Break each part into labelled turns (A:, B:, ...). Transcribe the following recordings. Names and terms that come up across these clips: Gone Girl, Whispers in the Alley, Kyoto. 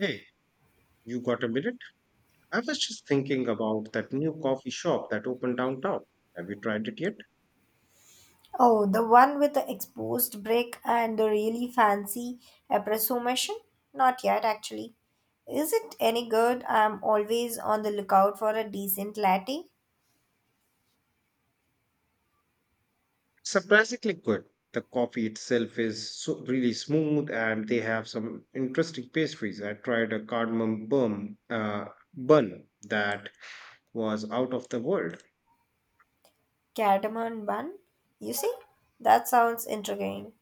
A: Hey, you got a minute? I was just thinking about that new coffee shop that opened downtown. Have you tried it yet?
B: Oh, the one with the exposed brick and the really fancy espresso machine? Not yet, actually. Is it any good? I'm always on the lookout for a decent latte.
A: Surprisingly good. The coffee itself is so really smooth, and they have some interesting pastries. I tried a cardamom bun, that was out of the world.
B: Cardamom bun? You see? That sounds intriguing.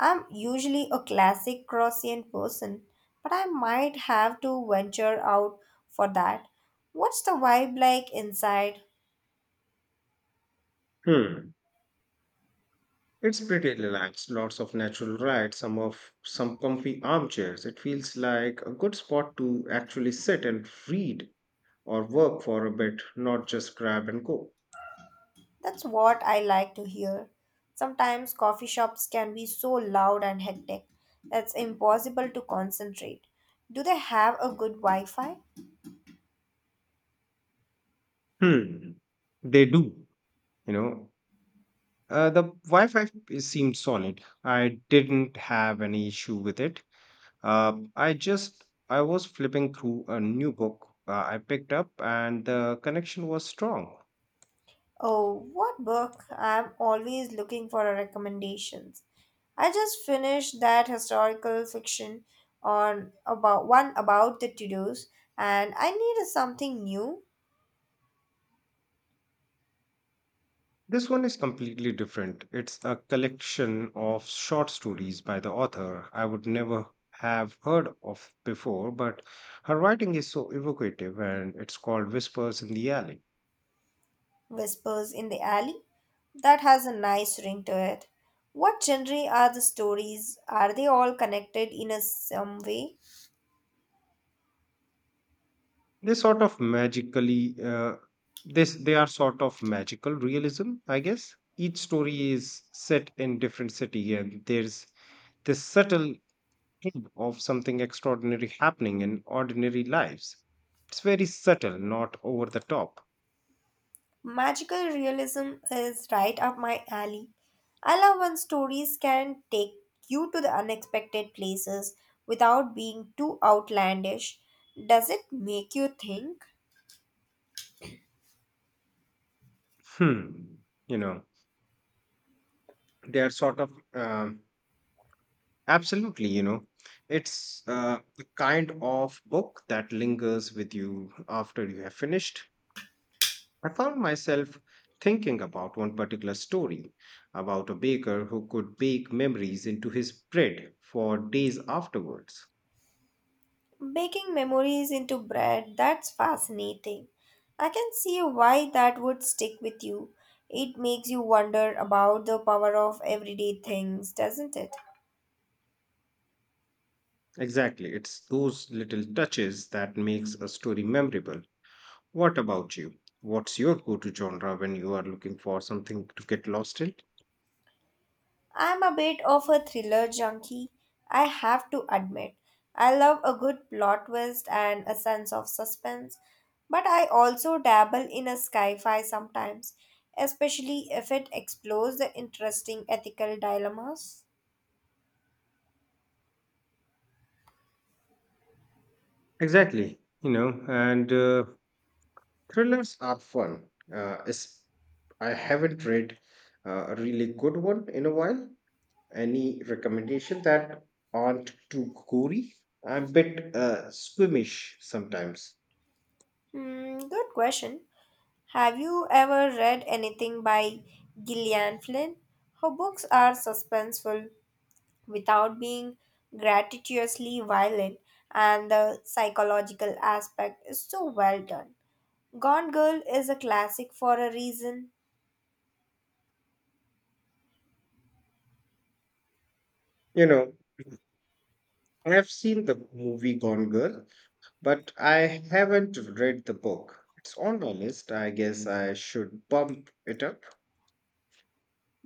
B: I'm usually a classic croissant person, but I might have to venture out for that. What's the vibe like inside?
A: Hmm. It's pretty relaxed. Lots of natural light, some comfy armchairs. It feels like a good spot to actually sit and read or work for a bit, not just grab and go.
B: That's what I like to hear. Sometimes coffee shops can be so loud and hectic that it's impossible to concentrate. Do they have a good Wi Fi?
A: Hmm, they do. You know, the Wi-Fi seemed solid. I didn't have any issue with it. I was flipping through a new book I picked up, and the connection was strong.
B: Oh, what book? I'm always looking for recommendations. I just finished that historical fiction on about one about the Tudors, and I need something new.
A: This one is completely different. It's a collection of short stories by the author I would never have heard of before, but her writing is so evocative and it's called Whispers in the Alley.
B: Whispers in the Alley. That has a nice ring to it. What genre are the stories? Are they all connected in a some way?
A: They sort of magically, uh, they are sort of magical realism, I guess. Each story is set in different city and there's this subtle hint of something extraordinary happening in ordinary lives. It's very subtle, not over the top.
B: Magical realism is right up my alley. I love when stories can take you to the unexpected places without being too outlandish. Does it make you think?
A: Hmm. You know, they're sort of Absolutely, it's the kind of book that lingers with you after you have finished. I found myself thinking about one particular story about a baker who could bake memories into his bread for days afterwards.
B: Baking memories into bread, that's fascinating. I can see why that would stick with you. It makes you wonder about the power of everyday things, doesn't it?
A: Exactly, it's those little touches that makes a story memorable. What about you? What's your go to genre when you are looking for something to get lost in?
B: I'm a bit of a thriller junkie, I have to admit. I love a good plot twist and a sense of suspense, but I also dabble in a sci-fi sometimes, especially if it explores the interesting ethical dilemmas.
A: Exactly, and thrillers are fun. I haven't read a really good one in a while. Any recommendation that aren't too gory? I'm a bit squeamish sometimes.
B: Hmm, good question. Have you ever read anything by Gillian Flynn? Her books are suspenseful without being gratuitously violent, and the psychological aspect is so well done. Gone Girl is a classic for a reason,
A: You know, I've seen the movie Gone Girl, but I haven't read the book. It's on my list. I guess I should bump it up.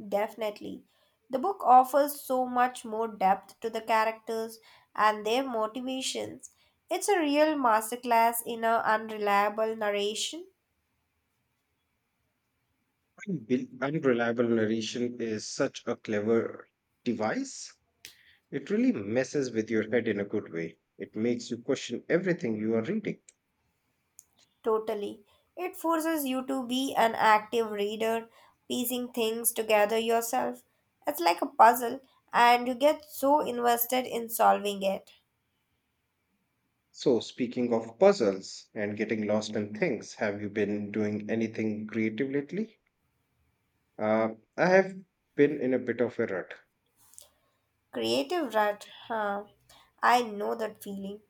B: definitely. The book offers so much more depth to the characters and their motivations. It's a real masterclass in a unreliable narration.
A: Unreliable narration is such a clever device. It really messes with your head in a good way. It makes you question everything you are reading.
B: Totally. It forces you to be an active reader, piecing things together yourself. It's like a puzzle, and you get so invested in solving it.
A: So, speaking of puzzles and getting lost in things, have you been doing anything creative lately? Uh, I have been in a bit of a rut.
B: Creative rut, huh? I know that feeling.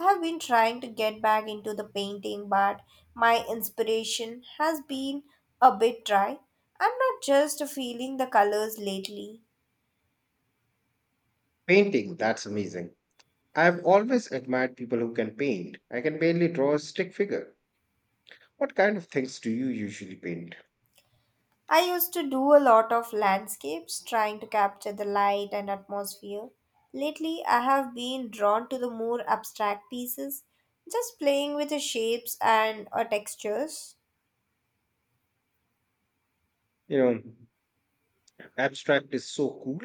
B: I have been trying to get back into the painting, but my inspiration has been a bit dry. I'm not just feeling the colors lately.
A: Painting, that's amazing. I've always admired people who can paint. I can barely draw a stick figure. What kind of things do you usually paint?
B: I used to do a lot of landscapes, trying to capture the light and atmosphere. Lately, I have been drawn to the more abstract pieces, just playing with the shapes and textures.
A: You know, abstract is so cool.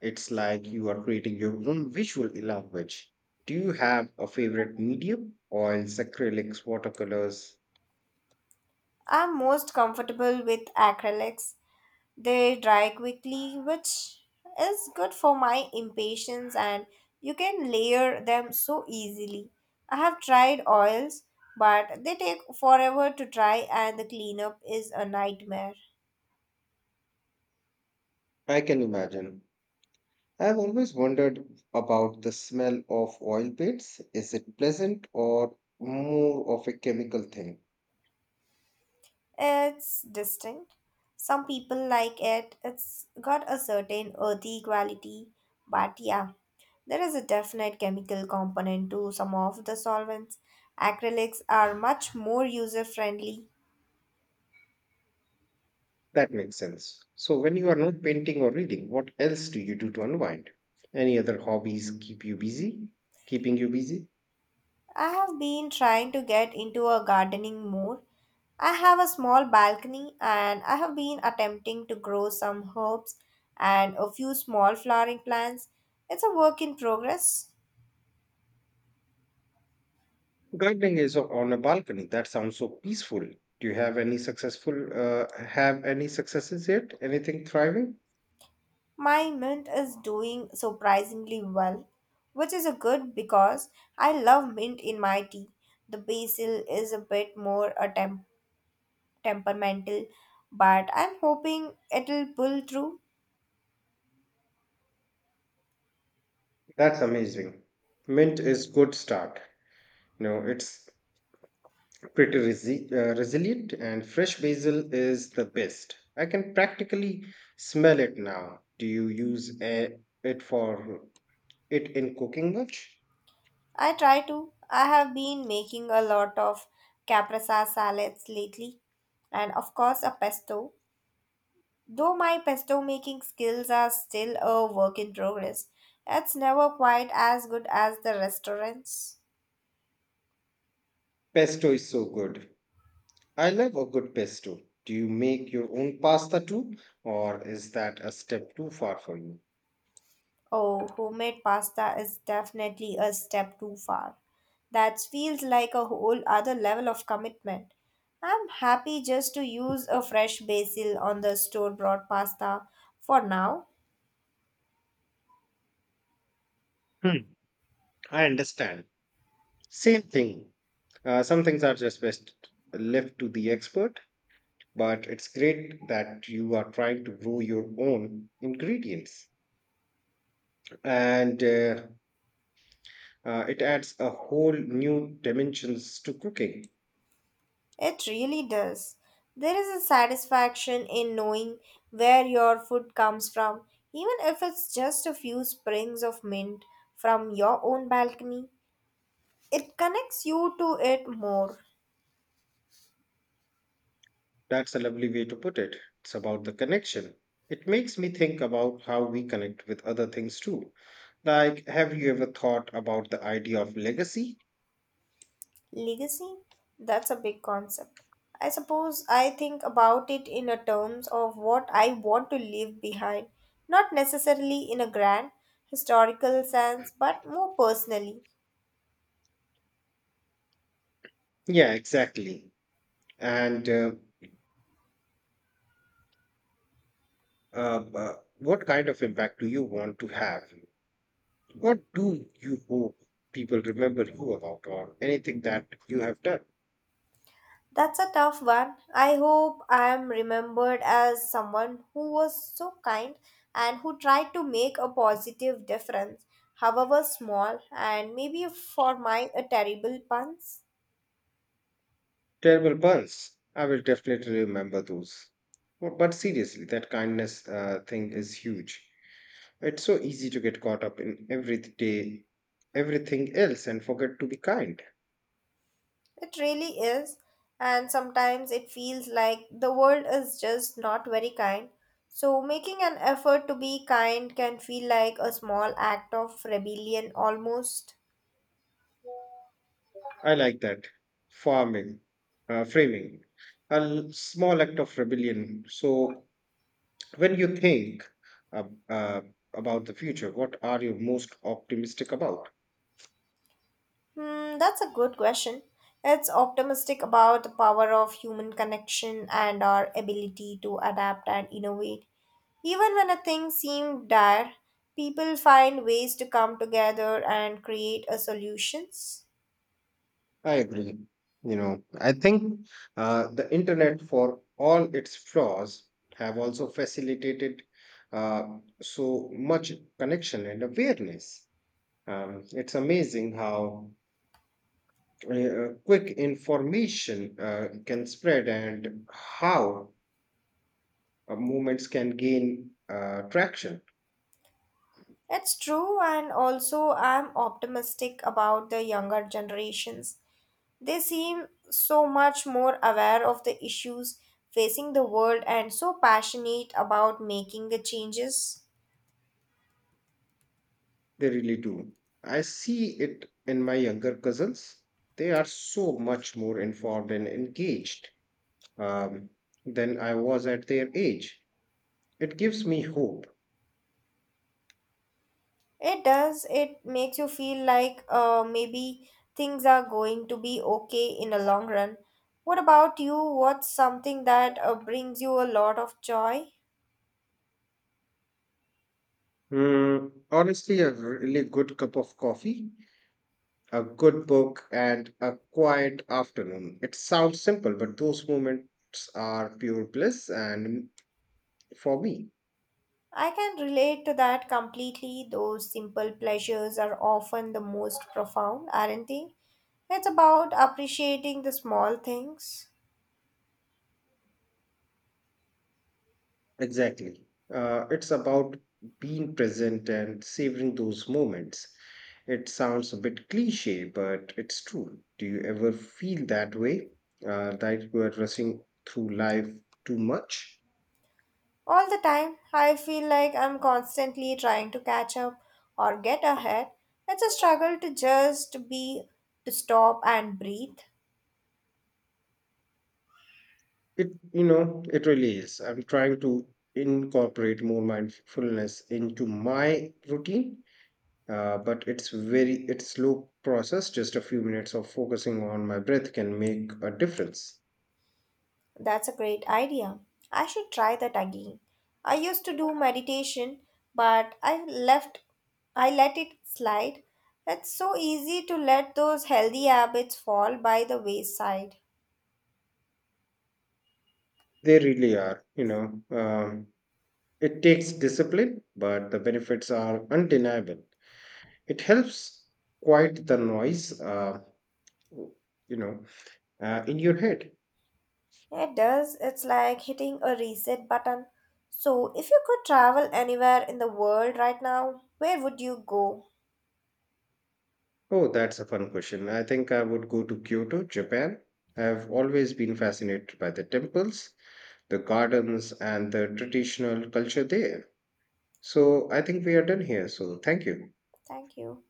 A: It's like you are creating your own visual language. Do you have a favorite medium? Oils, acrylics, watercolors?
B: I'm most comfortable with acrylics. They dry quickly, which is good for my impatience, and you can layer them so easily. I have tried oils, but they take forever to dry, and the cleanup is a nightmare.
A: I can imagine. I've always wondered about the smell of oil paints. Is it pleasant or more of a chemical thing?
B: It's distinct. Some people like it. It's got a certain earthy quality, but yeah, there is a definite chemical component to some of the solvents. Acrylics are much more user friendly.
A: That makes sense. So, when you are not painting or reading, what else do you do to unwind? Any other hobbies keep you busy? Keeping you busy?
B: I have been trying to get into a gardening more. I have a small balcony and I have been attempting to grow some herbs and a few small flowering plants. It's a work in progress.
A: On a balcony. That sounds so peaceful. Do you have any successful, Have any successes yet? Anything thriving?
B: My mint is doing surprisingly well, which is a good because I love mint in my tea. The basil is a bit more a temperamental, but I'm hoping it'll pull through.
A: That's amazing. Mint is good start. You know, it's pretty resilient and fresh basil is the best. I can practically smell it now. Do you use a- it for it in cooking much?
B: I try to. I have been making a lot of caprese salads lately, and of course a pesto. Though my pesto making skills are still a work in progress, it's never quite as good as the restaurants.
A: Pesto is so good. I love a good pesto. Do you make your own pasta too, or is that a step too far for you?
B: Oh, homemade pasta is definitely a step too far. That feels like a whole other level of commitment. I'm happy just to use a fresh basil on the store bought pasta for now.
A: Hmm, I understand. Same thing. Some things are just best left to the expert, but it's great that you are trying to grow your own ingredients. And It adds a whole new dimensions to cooking.
B: It really does. There is a satisfaction in knowing where your food comes from, even if it's just a few sprigs of mint from your own balcony. It connects you to it more.
A: That's a lovely way to put it. It's about the connection. It makes me think about how we connect with other things too. Like, have you ever thought about the idea of legacy?
B: Legacy? That's a big concept. I suppose I think about it in a terms of what I want to leave behind, not necessarily in a grand historical sense, but more personally.
A: Yeah, exactly. And What kind of impact do you want to have? What do you hope people remember you about, or anything that you have done?
B: That's a tough one. I hope I am remembered as someone who was so kind and who tried to make a positive difference, however small, and maybe for my a terrible puns.
A: Terrible buns. I will definitely remember those. But seriously, that kindness thing is huge. It's so easy to get caught up in everyday everything else and forget to be kind.
B: It really is, and sometimes it feels like the world is just not very kind. So, making an effort to be kind can feel like a small act of rebellion almost.
A: I like that. Farming, Framing, a small act of rebellion. So when you think uh, uh, about the future, what are you most optimistic about?
B: Hmm, that's a good question. It's optimistic about the power of human connection and our ability to adapt and innovate. Even when a thing seems dire, people find ways to come together and create a solutions.
A: I agree. You know, I think the internet, for all its flaws, have also facilitated so much connection and awareness. It's amazing how quick information can spread and how movements can gain traction.
B: It's true, and also I'm optimistic about the younger generations. They seem so much more aware of the issues facing the world and so passionate about making the changes.
A: They really do. I see it in my younger cousins. They are so much more informed and engaged um, than I was at their age. It gives me hope.
B: It does, it makes you feel like maybe things are going to be okay in the long run. What about you? What's something that brings you a lot of joy?
A: Mm, honestly, a really good cup of coffee, a good book, and a quiet afternoon. It sounds simple, but those moments are pure bliss and for me.
B: I can relate to that completely. Those simple pleasures are often the most profound, aren't they? It's about appreciating the small things.
A: Exactly. It's about being present and savoring those moments. It sounds a bit cliche, but it's true. Do you ever feel that way? That you are rushing through life too much?
B: All the time, I feel like I'm constantly trying to catch up or get ahead. It's a struggle to just be, to stop and breathe.
A: It really is. I'm trying to incorporate more mindfulness into my routine, but it's slow process. Just a few minutes of focusing on my breath can make a difference.
B: That's a great idea. I should try that again. I used to do meditation, but I let it slide. It's so easy to let those healthy habits fall by the wayside.
A: They really are, Um, it takes discipline, but the benefits are undeniable. It helps quiet the noise, you know, in your head.
B: It does. It's like hitting a reset button. So, if you could travel anywhere in the world right now, where would you go?
A: Oh, that's a fun question. I think I would go to Kyoto, Japan. I've always been fascinated by the temples, the gardens, and the traditional culture there. So I think we are done here. So thank you.
B: Thank you.